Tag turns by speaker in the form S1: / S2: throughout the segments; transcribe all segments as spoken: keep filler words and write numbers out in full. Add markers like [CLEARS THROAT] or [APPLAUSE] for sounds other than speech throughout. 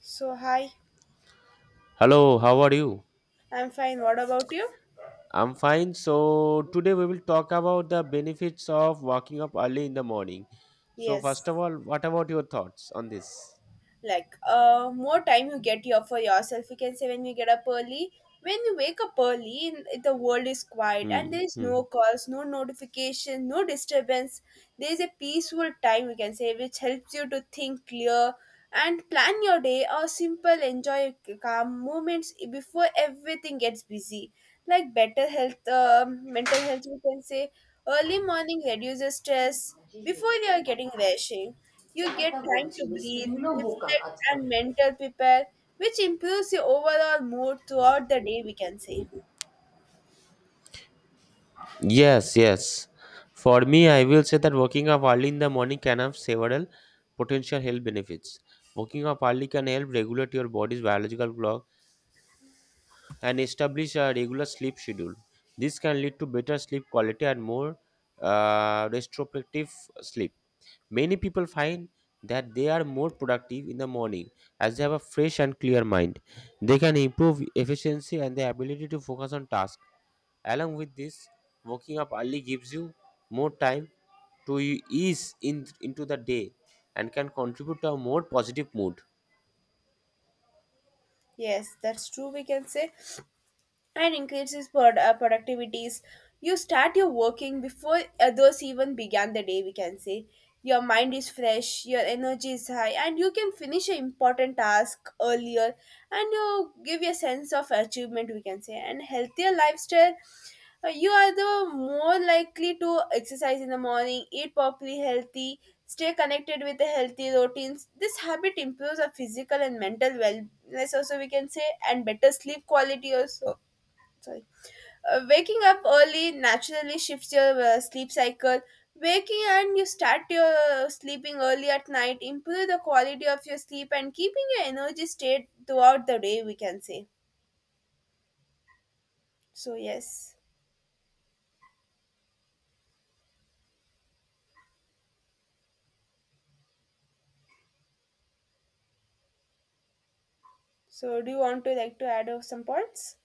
S1: So, hi,
S2: Hello, how are you?
S1: I'm fine. What about you?
S2: I'm fine. So, today we will talk about the benefits of waking up early in the morning. So, first
S1: Yes.
S2: of all, what about your thoughts on this?
S1: Like uh more time you get here for yourself, you can say, when you get up early, when you wake up early. In- the world is quiet and
S2: Hmm.
S1: there is
S2: Hmm.
S1: no calls, no notification, no disturbance. There is a peaceful time, you can say, which helps you to think clear and plan your day or simple enjoy your calm moments before everything gets busy. Like better health, um, mental health, you can say. Early morning reduces stress. Before you are getting rushing, you get time to breathe, reflect, and mental prepare, which improves your overall mood throughout the day, we can say.
S2: Yes, yes. For me, I will say that waking up early in the morning can have several potential health benefits. Waking up early can help regulate your body's biological clock and establish a regular sleep schedule. This can lead to better sleep quality and more uh, restorative sleep. Many people find that they are more productive in the morning as they have a fresh and clear mind. They can improve efficiency and their ability to focus on tasks. Along with this, waking up early gives you more time to e- ease in, into the day and can contribute to a more positive mood.
S1: Yes, that's true, we can say. And increases prod uh, productivities. You start your working before others even began the day, we can say. Your mind is fresh, your energy is high, and you can finish an important task earlier and you give a sense of achievement, we can say. And healthier lifestyle, uh, you are the more likely to exercise in the morning, eat properly healthy, stay connected with the healthy routines. This habit improves our physical and mental wellness, also, we can say, and better sleep quality, also. Sorry. Uh, waking up early naturally shifts your uh, sleep cycle. Waking and you start your uh, sleeping early at night improve the quality of your sleep and keeping your energy state throughout the day, we can say. So, yes. So do you want to like to add uh, some points?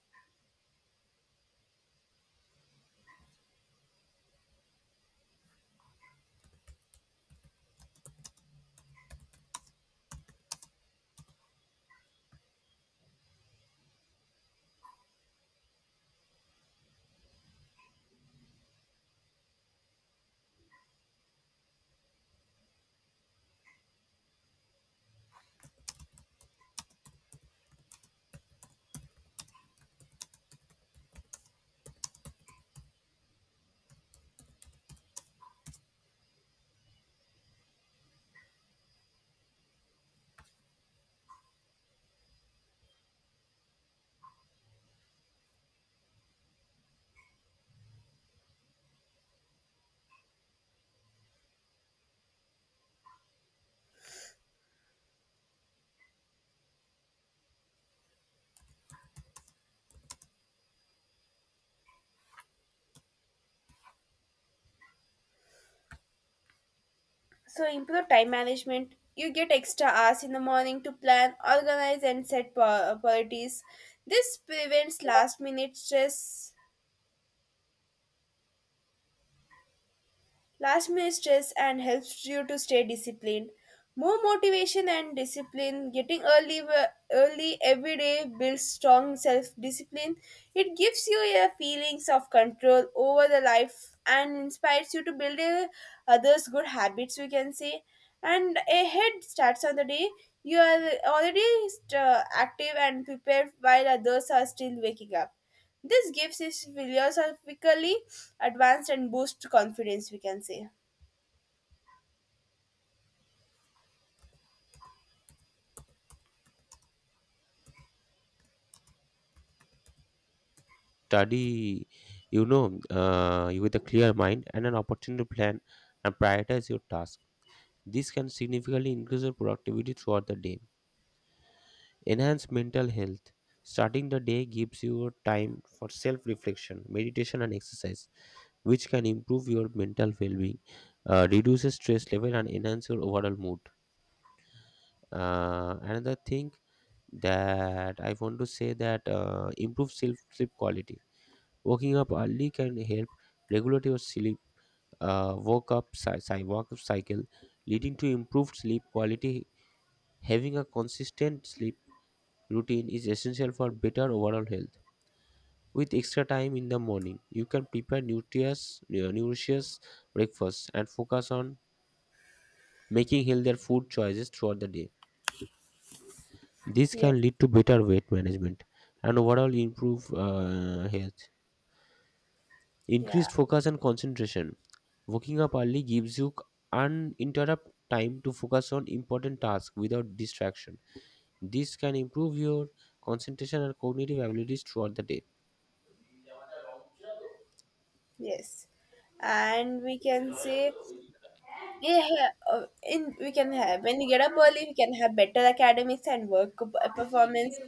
S1: So improve time management. You get extra hours in the morning to plan, organize, and set pri- priorities. This prevents last minute stress. Last minute stress and helps you to stay disciplined. More motivation and discipline. Getting early w- early every day builds strong self discipline. It gives you a feelings of control over the life and inspires you to build a, others good habits, we can say, and a head starts on the day. You are already st- active and prepared while others are still waking up. This gives is philosophically advanced and boosts confidence, we can say.
S2: Study, you know, uh, with a clear mind and an opportunity to plan and prioritize your task. This can significantly increase your productivity throughout the day. Enhance mental health. Starting the day gives you time for self reflection, meditation, and exercise, which can improve your mental well being, uh, reduces stress level, and enhance your overall mood. Uh, another thing that I want to say that uh, improve self sleep quality. Waking up early can help regulate your sleep, uh, woke up, cy- cy- wake up cycle, leading to improved sleep quality. Having a consistent sleep routine is essential for better overall health. With extra time in the morning, you can prepare nutritious, uh, nutritious breakfast and focus on making healthier food choices throughout the day. This
S1: Yes.
S2: can lead to better weight management and overall improve uh, health.
S1: Yeah.
S2: Increased focus and concentration. Waking up early gives you uninterrupted time to focus on important tasks without distraction. This can improve your concentration and cognitive abilities throughout the day.
S1: Yes. And we can say, yeah, yeah, uh, in we can have when you get up early, we can have better academics and work p- uh, performance.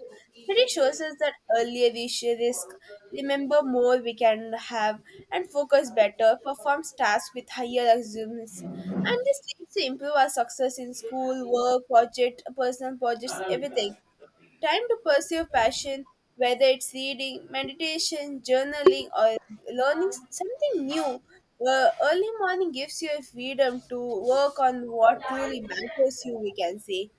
S1: Study shows us that earlier we share risk, remember more we can have, and focus better, performs tasks with higher assumptions. And this leads to improve our success in school, work, project, personal projects, everything. Time to pursue passion, whether it's reading, meditation, journaling, or learning s- something new. Uh, early morning gives you a freedom to work on what truly matters you, we can say.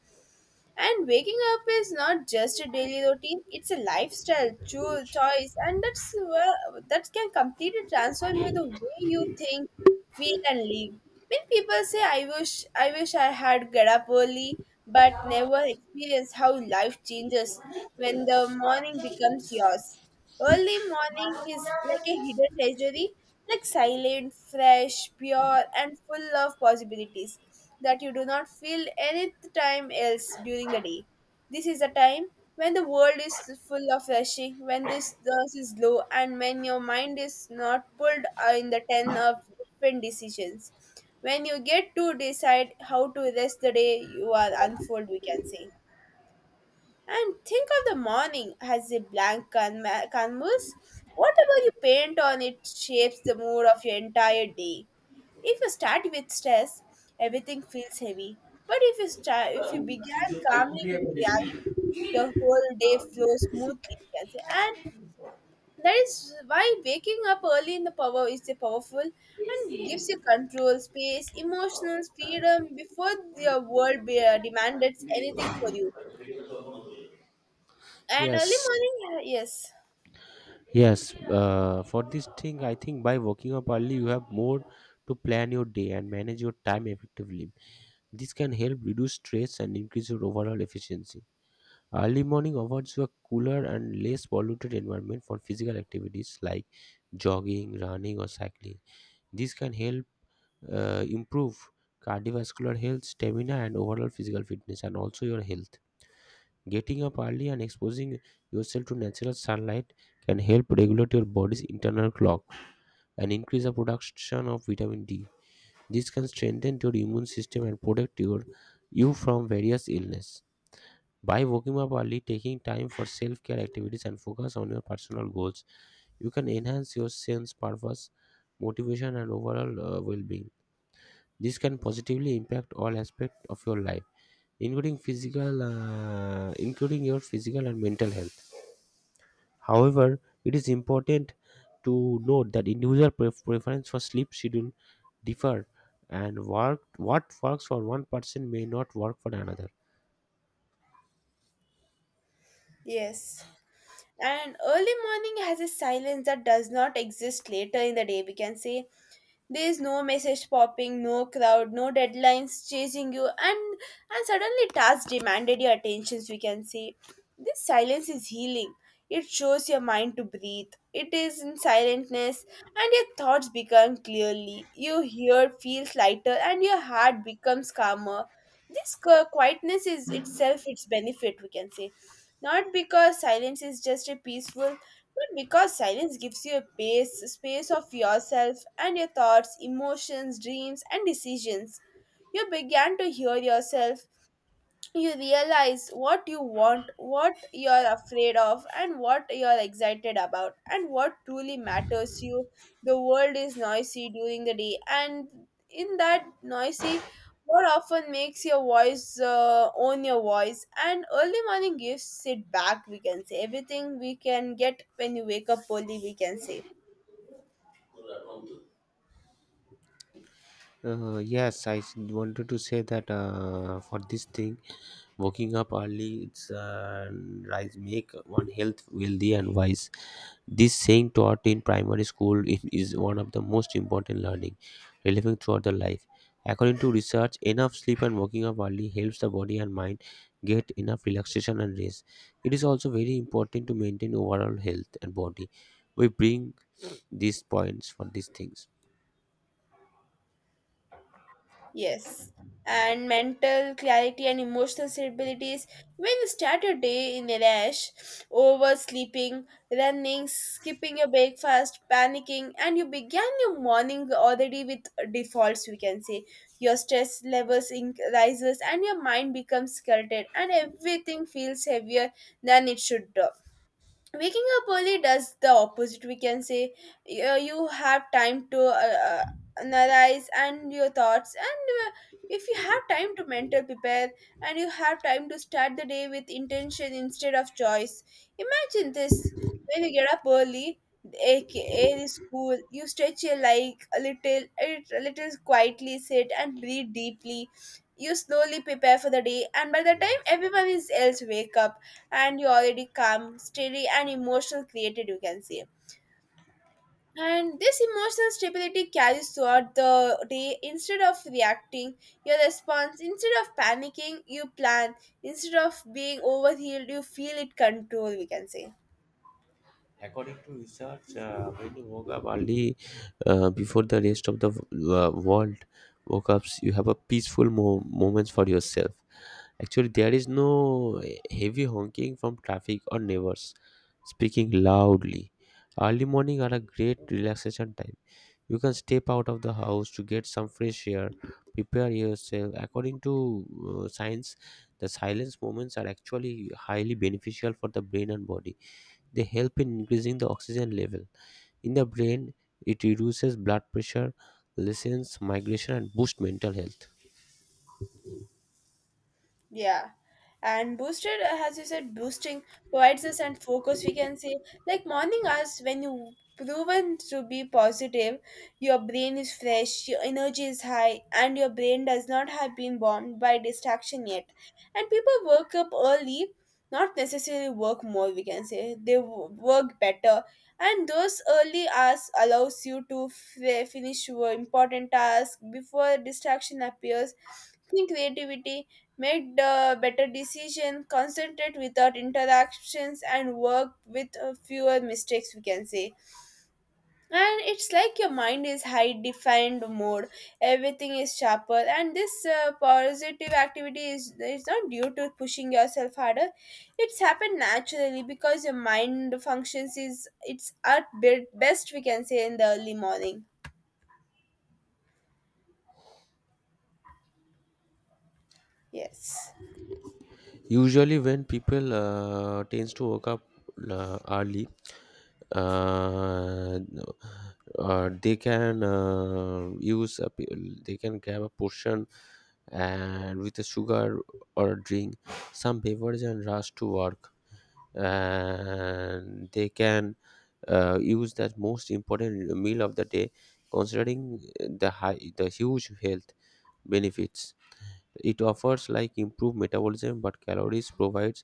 S1: And waking up is not just a daily routine, it's a lifestyle cho- choice, and that's well, that can completely transform you the way you think, feel, and live. When people say, I wish I wish I had get up early, but never experience how life changes when the morning becomes yours. Early morning is like a hidden treasury, like silent, fresh, pure, and full of possibilities that you do not feel any time else during the day. This is a time when the world is full of rushing, when this stress is low, and when your mind is not pulled in the ten of different decisions. When you get to decide how to rest the day, you are unfold, we can say. And think of the morning as a blank can- canvas. Whatever you paint on it shapes the mood of your entire day. If you start with stress, everything feels heavy. But if you start, if you began calmly with reality, your whole day flows smoothly, you can say. And that is why waking up early in the power is a powerful and gives you control, space, emotional freedom before your world be- uh, demanded anything for you. And early
S2: Yes,
S1: morning, uh, yes,
S2: Yes, uh, for this thing, I think by waking up early, you have more to plan your day and manage your time effectively. This can help reduce stress and increase your overall efficiency. Early morning offers you a cooler and less polluted environment for physical activities like jogging, running, or cycling. This can help uh, improve cardiovascular health, stamina, and overall physical fitness, and also your health. Getting up early and exposing yourself to natural sunlight can help regulate your body's internal clock and increase the production of vitamin D. This can strengthen your immune system and protect your, you from various illness. By waking up early, taking time for self-care activities and focus on your personal goals, you can enhance your sense purpose, motivation and overall uh, well-being. This can positively impact all aspects of your life, including physical, uh, including your physical and mental health. However, it is important to note that individual pref- preference for sleep schedule differ and work, what works for one person may not work for another.
S1: yes. And early morning has a silence that does not exist later in the day, we can say. There's no message popping, no crowd, no deadlines chasing you, and and suddenly tasks demanded your attentions, we can say. This silence is healing. It shows your mind to breathe. It is in silentness, and your thoughts become clearly. Your hear feels lighter, and your heart becomes calmer. This qu- quietness is itself its benefit, we can say. Not because silence is just a peaceful but because silence gives you a space, space of yourself and your thoughts, emotions, dreams, and decisions, you began to hear yourself. You realize what you want, what you're afraid of, and what you're excited about, and what truly matters you. The world is noisy during the day, and in that noisy, what often makes your voice uh, own your voice? And early morning gives it back, we can say. Everything we can get when you wake up early, we can say.
S2: Uh, yes, I s- wanted to say that uh, for this thing, waking up early it's uh, rise make one health wealthy and wise. This saying taught in primary school it is one of the most important learning relevant throughout the life. According to research, enough sleep and waking up early helps the body and mind get enough relaxation and rest. It is also very important to maintain overall health and body. We bring these points for these things.
S1: Yes. And mental clarity and emotional stability is when you start your day in a rush, oversleeping, running, skipping your breakfast, panicking, and you began your morning already with defaults, we can say. Your stress levels inc- rises and your mind becomes cluttered, and everything feels heavier than it should. Waking up early does the opposite, we can say. Uh, you have time to uh, uh, analyze and your thoughts, and uh, if you have time to mental prepare and you have time to start the day with intention instead of choice. Imagine this, when you get up early, aka the school, you stretch your leg a little a little, quietly sit and breathe deeply, you slowly prepare for the day, and by the
S2: Yeah.
S1: time everyone is else wake up and you already calm, steady, and emotional created, you can say. And this emotional stability carries throughout the day. Instead of reacting, your response, instead of panicking, you plan. Instead of being overhealed, you feel it control, we can say.
S2: According to research, uh, when you woke up early uh, before the rest of the uh, world woke up, you have a peaceful mo- moments for yourself. Actually, there is no heavy honking from traffic or neighbors speaking loudly. Early morning are a great relaxation time. You can step out of the house to get some fresh air, prepare yourself. According to uh, science, the silence moments are actually highly beneficial for the brain and body. They help in increasing the oxygen level in the brain. It reduces blood pressure, lessens migration, and boosts mental health.
S1: Yeah. And boosted uh, as you said boosting provides us and focus, we can say. Like morning hours when you proven to be positive, your brain is fresh, your energy is high, and your brain does not have been bombed by distraction yet. And people work up early, not necessarily work more, we can say, they w- work better, and those early hours allows you to f- finish your important task before distraction appears. Think creativity, made uh, better decisions, concentrate without interactions, and work with uh, fewer mistakes, we can say. And it's like your mind is high defined mode, everything is sharper. And this uh, positive activity is, is not due to pushing yourself harder, it's happened naturally because your mind functions is it's at be- best, we can say, in the early morning. Yes.
S2: Usually, when people uh, tends to wake up uh, early, uh, uh, they can uh, use a, p- they can grab a portion and with a sugar or a drink, some beverage, and rush to work, and they can uh, use that most important meal of the day, considering the high the huge health benefits it offers, like improved metabolism, but calories provides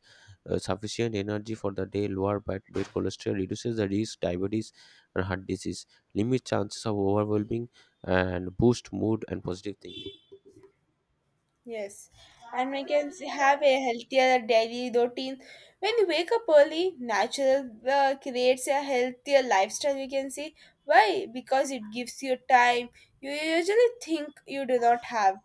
S2: uh, sufficient energy for the day, lower bad bad cholesterol, reduces the risk diabetes and heart disease, limit chances of overwhelming, and boost mood and positive thinking.
S1: Yes, and we can s- have a healthier daily routine. When you wake up early, natural uh, creates a healthier lifestyle, we can see. Why? Because it gives you time you usually think you do not have.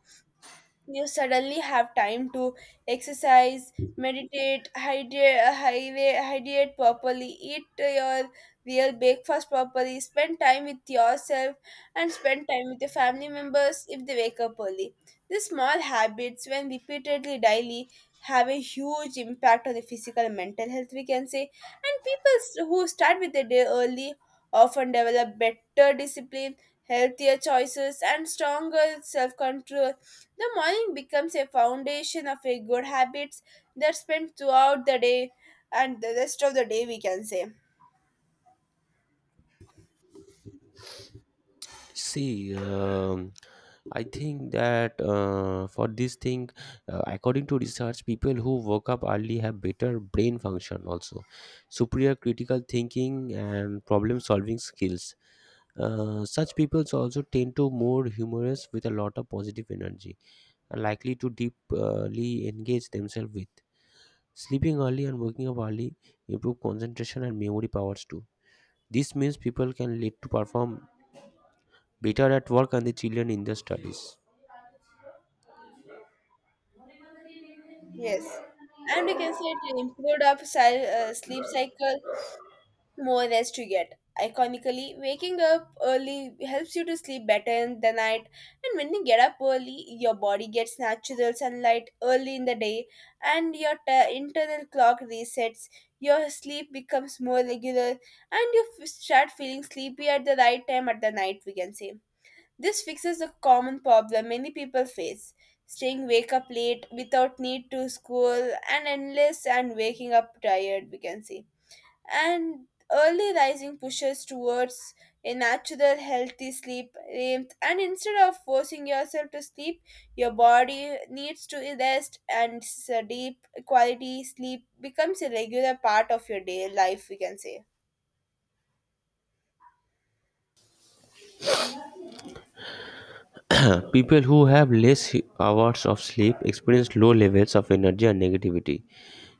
S1: You suddenly have time to exercise, meditate, hydrate, hydrate, hydrate properly, eat your real breakfast properly, spend time with yourself, and spend time with your family members if they wake up early. These small habits, when repeatedly daily, have a huge impact on the physical and mental health, we can say. And people s- who start with their day early often develop better discipline, healthier choices, and stronger self control. The morning becomes a foundation of a good habits that spend throughout the day and the rest of the day, we can say.
S2: See, um, I think that uh, for this thing, uh, according to research, people who woke up early have better brain function also, superior critical thinking and problem solving skills. Uh, such people also tend to more humorous with a lot of positive energy and likely to deeply engage themselves with. Sleeping early and waking up early improve concentration and memory powers too. This means people can lead to perform better at work and the children in their studies.
S1: Yes. And we can say to improve our si- uh, sleep cycle, more rest you get. Iconically, waking up early helps you to sleep better in the night, and when you get up early, your body gets natural sunlight early in the day, and your t- internal clock resets. Your sleep becomes more regular, and you f- start feeling sleepy at the right time at the night, we can say. This fixes a common problem many people face, staying wake up late without need to school and endless and waking up tired, we can say. And early rising pushes towards a natural healthy sleep rhythm, and instead of forcing yourself to sleep, your body needs to rest and s- deep quality sleep becomes a regular part of your day life, we can say.
S2: [CLEARS THROAT] People who have less hours of sleep experience low levels of energy and negativity.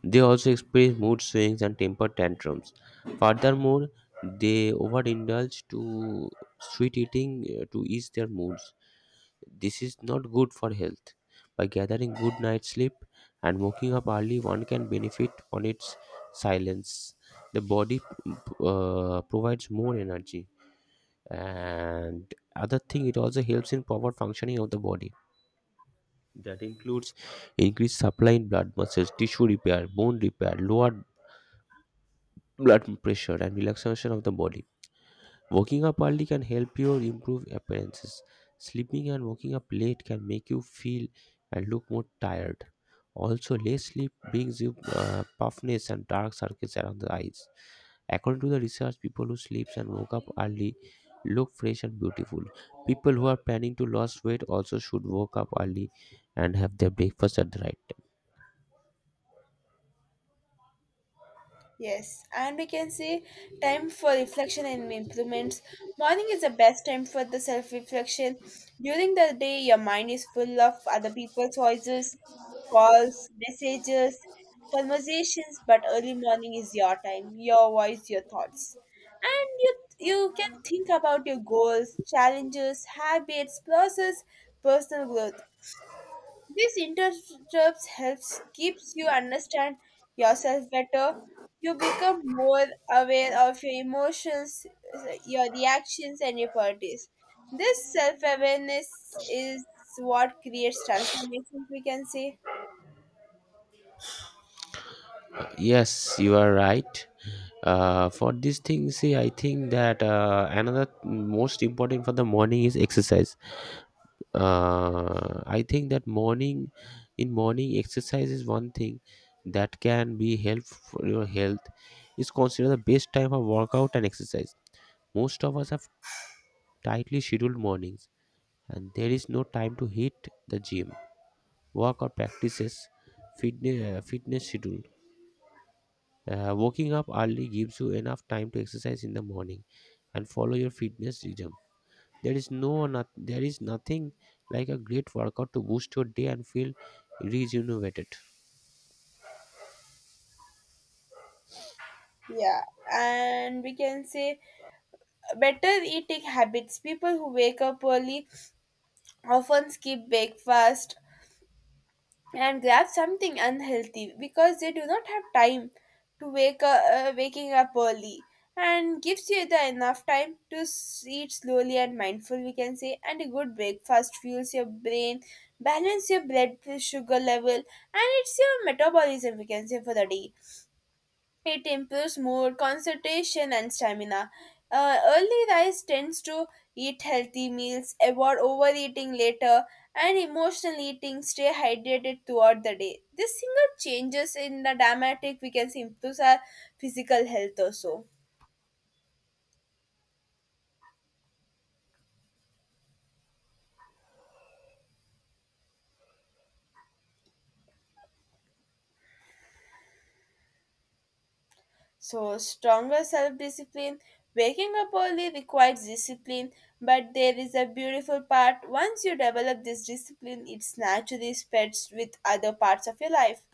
S2: They also experience mood swings and temper tantrums. Furthermore, they overindulge to sweet eating uh, to ease their moods. This is not good for health. By gathering good night sleep and waking up early, one can benefit on its silence. The body uh, provides more energy. And other thing, it also helps in proper functioning of the body that includes increased supply in blood, muscles tissue repair, bone repair, lower blood pressure, and relaxation of the body. Waking up early can help you improve appearances. Sleeping and waking up late can make you feel and look more tired. Also, less sleep brings you uh, puffness and dark circles around the eyes. According to the research, people who sleep and woke up early look fresh and beautiful. People who are planning to lose weight also should wake up early and have their breakfast at the right time.
S1: Yes, and we can see time for reflection and improvements. Morning is the best time for the self reflection. During the day, your mind is full of other people's voices, calls, messages, conversations, but early morning is your time, your voice, your thoughts. And you, you can think about your goals, challenges, habits, process, personal growth. These interrupts helps keeps you understand yourself better. You become more aware of your emotions, your reactions, and your priorities. This self awareness is what creates transformations, we can say.
S2: Yes, you are right. Uh, for these things, see, I think that uh, another most important for the morning is exercise. Uh, I think that morning, in morning, exercise is one thing that can be helpful for your health. It's considered the best time for workout and exercise. Most of us have tightly scheduled mornings, and there is no time to hit the gym, work, or practices fitness, fitness schedule. Uh, waking up early gives you enough time to exercise in the morning and follow your fitness rhythm. There is no not, there is nothing like a great workout to boost your day and feel rejuvenated.
S1: Yeah, and we can say better eating habits. People who wake up early often skip breakfast and grab something unhealthy because they do not have time to wake up, uh, waking up early and gives you the enough time to s- eat slowly and mindful we can say, and a good breakfast fuels your brain, balance your blood sugar level, and it's your metabolism we can say for the day. It improves mood, concentration, and stamina. Uh, early rise tends to eat healthy meals, avoid overeating later, and emotional eating, stay hydrated throughout the day. This single changes in the dramatic we can see improves our physical health also. So, stronger self discipline. Waking up early requires discipline, but there is a beautiful part. Once you develop this discipline, it naturally spreads with other parts of your life.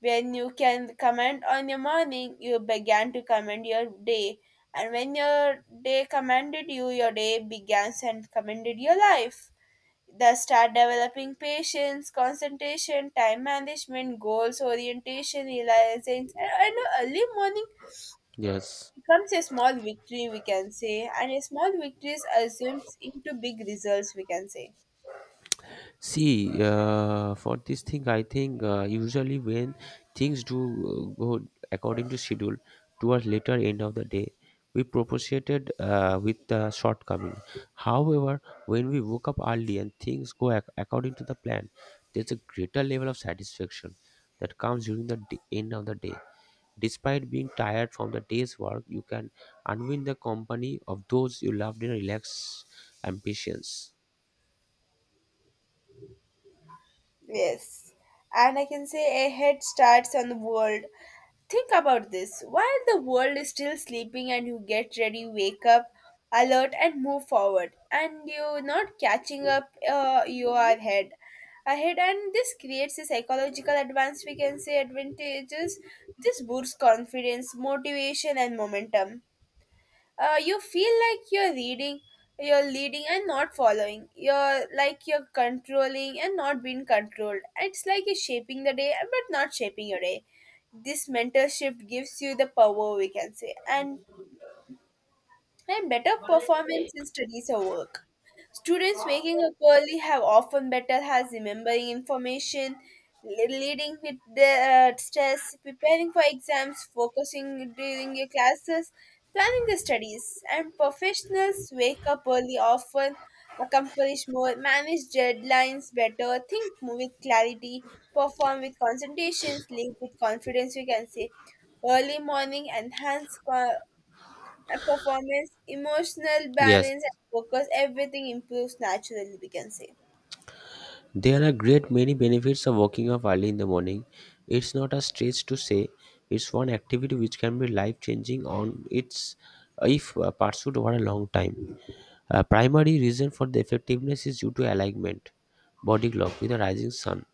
S1: When you can comment on your morning, you began to comment your day. And when your day commended you, your day began and commended your life. Thus, start developing patience, concentration, time management, goals, orientation, realizing. And and early morning
S2: Yes.
S1: becomes a small victory, we can say, and a small victories assumes into big results, we can say.
S2: See, uh, for this thing, I think uh, usually when things do uh, go according to schedule towards later end of the day, we propitiated uh, with the shortcoming. However, when we woke up early and things go ac- according to the plan, there's a greater level of satisfaction that comes during the d- end of the day. Despite being tired from the day's work, you can unwind the company of those you loved in a relaxed ambitions.
S1: Yes. And I can say a head starts on the world. Think about this. While the world is still sleeping and you get ready, wake up, alert, and move forward, and you're not catching up, uh, you are ahead. Ahead, and this creates a psychological advance, we can say, advantages. This boosts confidence, motivation, and momentum. Uh, you feel like you're reading, you're leading and not following, you're like you're controlling and not being controlled, it's like you're shaping the day but not shaping your day. This mental shift gives you the power we can say, and and better performance in studies or work. Students waking up early have often better has remembering information, le- leading with the uh, stress, preparing for exams, focusing during your classes, planning the studies, and professionals wake up early often accomplish more, manage deadlines better, think with clarity, perform with concentrations, lead with confidence, we can say. Early morning enhance co- uh, performance, emotional
S2: Yes.
S1: balance, and focus, everything improves naturally, we can say.
S2: There are great many benefits of waking up early in the morning. It's not a stretch to say it's one activity which can be life changing on its if uh, pursued over a long time. A primary reason for the effectiveness is due to alignment, body clock with the rising sun.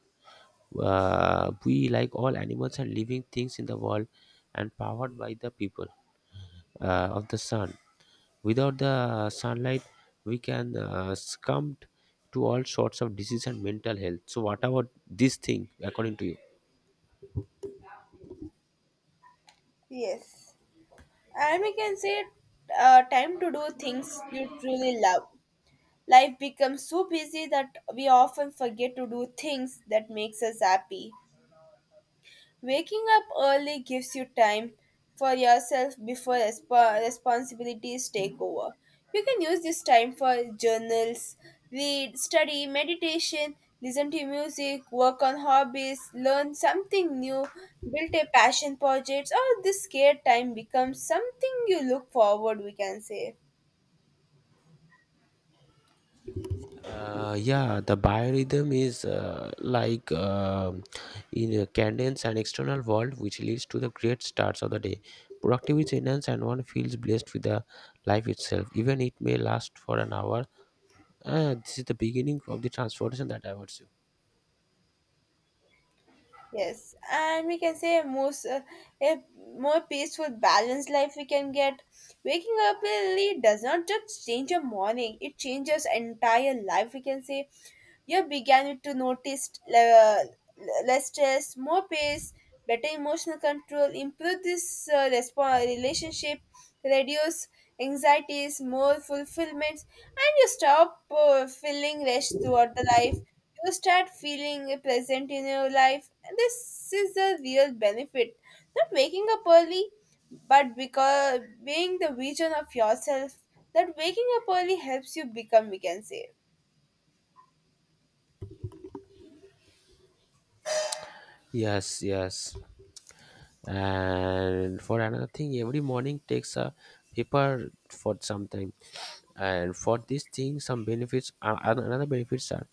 S2: Uh, we, like all animals and living things in the world, and powered by the people uh, of the sun. Without the sunlight, we can uh, succumb to all sorts of disease and mental health. So, what about this thing, according to you?
S1: Yes. And we can say uh, time to do things you truly love. Life becomes so busy that we often forget to do things that makes us happy. Waking up early gives you time for yourself before resp- responsibilities take over. You can use this time for journals, read, study, meditation, listen to music, work on hobbies, learn something new, build a passion project, or this scared time becomes something you look forward, we can say.
S2: Uh, yeah, the biorhythm is uh, like um in a cadence and external world, which leads to the great starts of the day. Productivity enhanced and one feels blessed with the life itself, even it may last for an hour. Uh, this is the beginning of the transformation that I would say.
S1: Yes, and we can say a most uh, a more peaceful, balanced life we can get. Waking up early does not just change your morning; it changes entire life. We can say you began to notice le- less stress, more peace, better emotional control, improve this uh, respo- relationship, reduce anxieties, more fulfillments, and you stop uh, feeling rushed throughout the life, you start feeling pleasant in your life. And this is the real benefit. Not waking up early, but because being the vision of yourself, that waking up early helps you become, we can say.
S2: Yes, yes. And for another thing, every morning takes a paper for some time. And for this thing, some benefits, uh, an- another benefits are: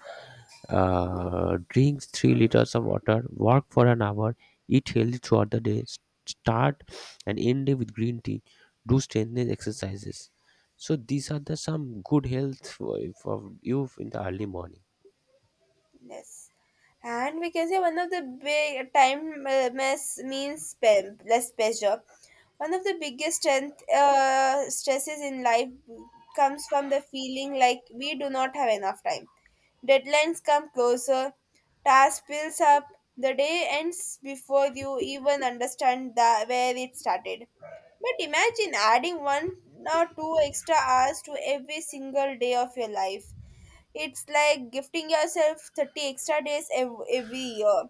S2: uh, drink three liters of water, work for an hour, eat healthy throughout the day, s- start and end day with green tea, do strengthening exercises. So these are the some good health for, for, you in the early morning.
S1: Yes. And we can say one of the big time uh, mess means pe- less pressure. One of the biggest strength uh, stresses in life comes from the feeling like we do not have enough time. Deadlines come closer, task builds up, the day ends before you even understand the, where it started. But imagine adding one or two extra hours to every single day of your life. It's like gifting yourself thirty extra days ev- every year.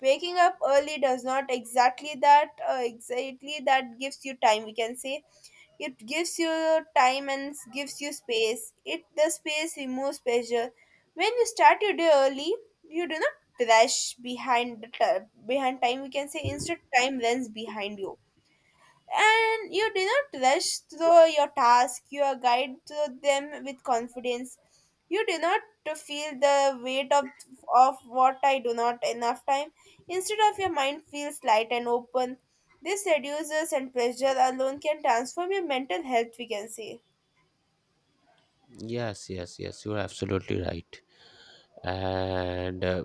S1: Waking up early does not exactly that uh, exactly that gives you time we can say, it gives you time and s- gives you space, it the space removes pressure. When you start your day early you do not rush behind the ti- behind time we can say, instead time runs behind you, and you do not rush through your task, you are guided through them with confidence. You do not to feel the weight of of what I do not enough time, instead of your mind feels light and open, this reduces and pressure alone can transform your mental health we can say.
S2: Yes, yes, yes, you are absolutely right. And uh,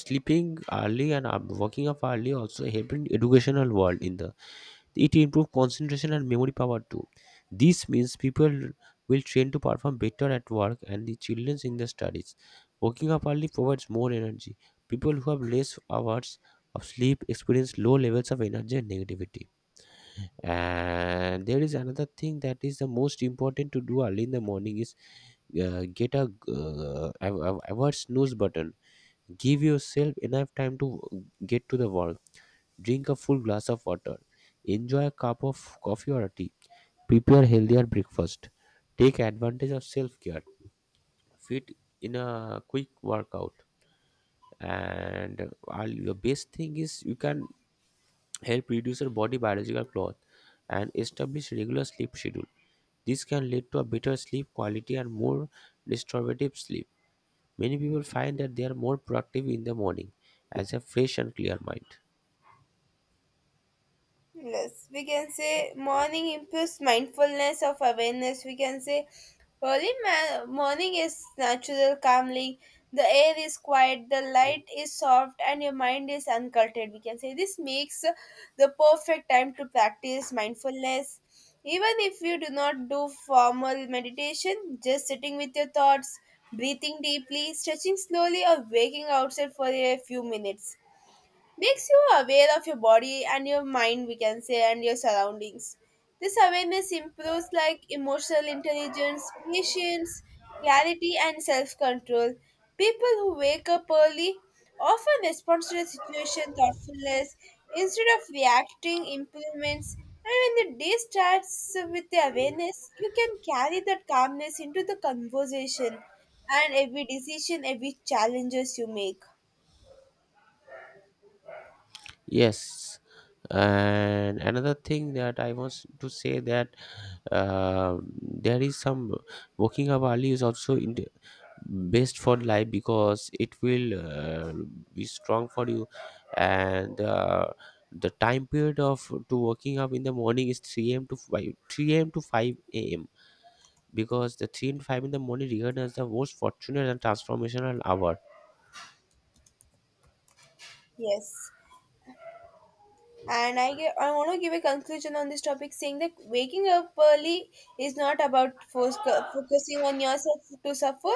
S2: sleeping early and up- waking up early also help in educational world in the, it improve concentration and memory power too. This means people will train to perform better at work and the childrens in the studies. Waking up early provides more energy. People who have less hours of sleep experience low levels of energy and negativity. And there is another thing that is the most important to do early in the morning is uh, get a uh, av- av- avoid snooze button. Give yourself enough time to get to the work. Drink a full glass of water. Enjoy a cup of coffee or a tea. Prepare healthier breakfast. Take advantage of self care. Fit in a quick workout. And uh, the best thing is you can help reduce your body biological clock and establish regular sleep schedule. This can lead to a better sleep quality and more restorative sleep. Many people find that they are more productive in the morning as a fresh and clear mind.
S1: Yes, we can say morning improves mindfulness of awareness. We can say early ma- morning is natural, calming. The air is quiet, the light is soft, and your mind is uncultured. We can say this makes the perfect time to practice mindfulness. Even if you do not do formal meditation, just sitting with your thoughts, breathing deeply, stretching slowly, or waking outside for a few minutes makes you aware of your body and your mind we can say and your surroundings. This awareness improves like emotional intelligence, patience, clarity and self-control. People who wake up early often respond to the situation thoughtfulness instead of reacting improvements, and when the day starts with the awareness you can carry that calmness into the conversation and every decision, every challenges you make.
S2: Yes, and another thing that I want to say that uh, there is some, waking up early is also in the best for life because it will uh, be strong for you, and uh, the time period of to waking up in the morning is three a m to five, three a m to five a m, because the three and five in the morning regarded as the most fortunate and transformational hour.
S1: Yes. And I, give. I want to give a conclusion on this topic saying that waking up early is not about fos- focusing on yourself to suffer,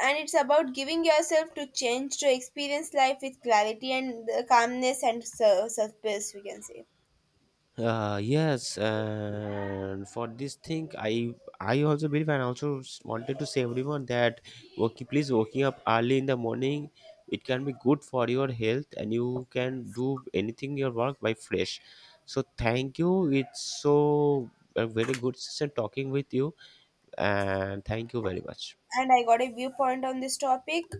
S1: and it's about giving yourself to change to experience life with clarity and uh, calmness and sur- surface, we can say.
S2: Uh, yes, and for this thing, I I also believe and also s- wanted to say everyone that working please waking up early in the morning, it can be good for your health and you can do anything your work by fresh. So thank you. It's so a very good session talking with you, and thank you very much.
S1: And I got a viewpoint on this topic,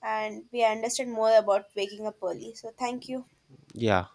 S1: and we understood more about waking up early. So, thank you.
S2: Yeah.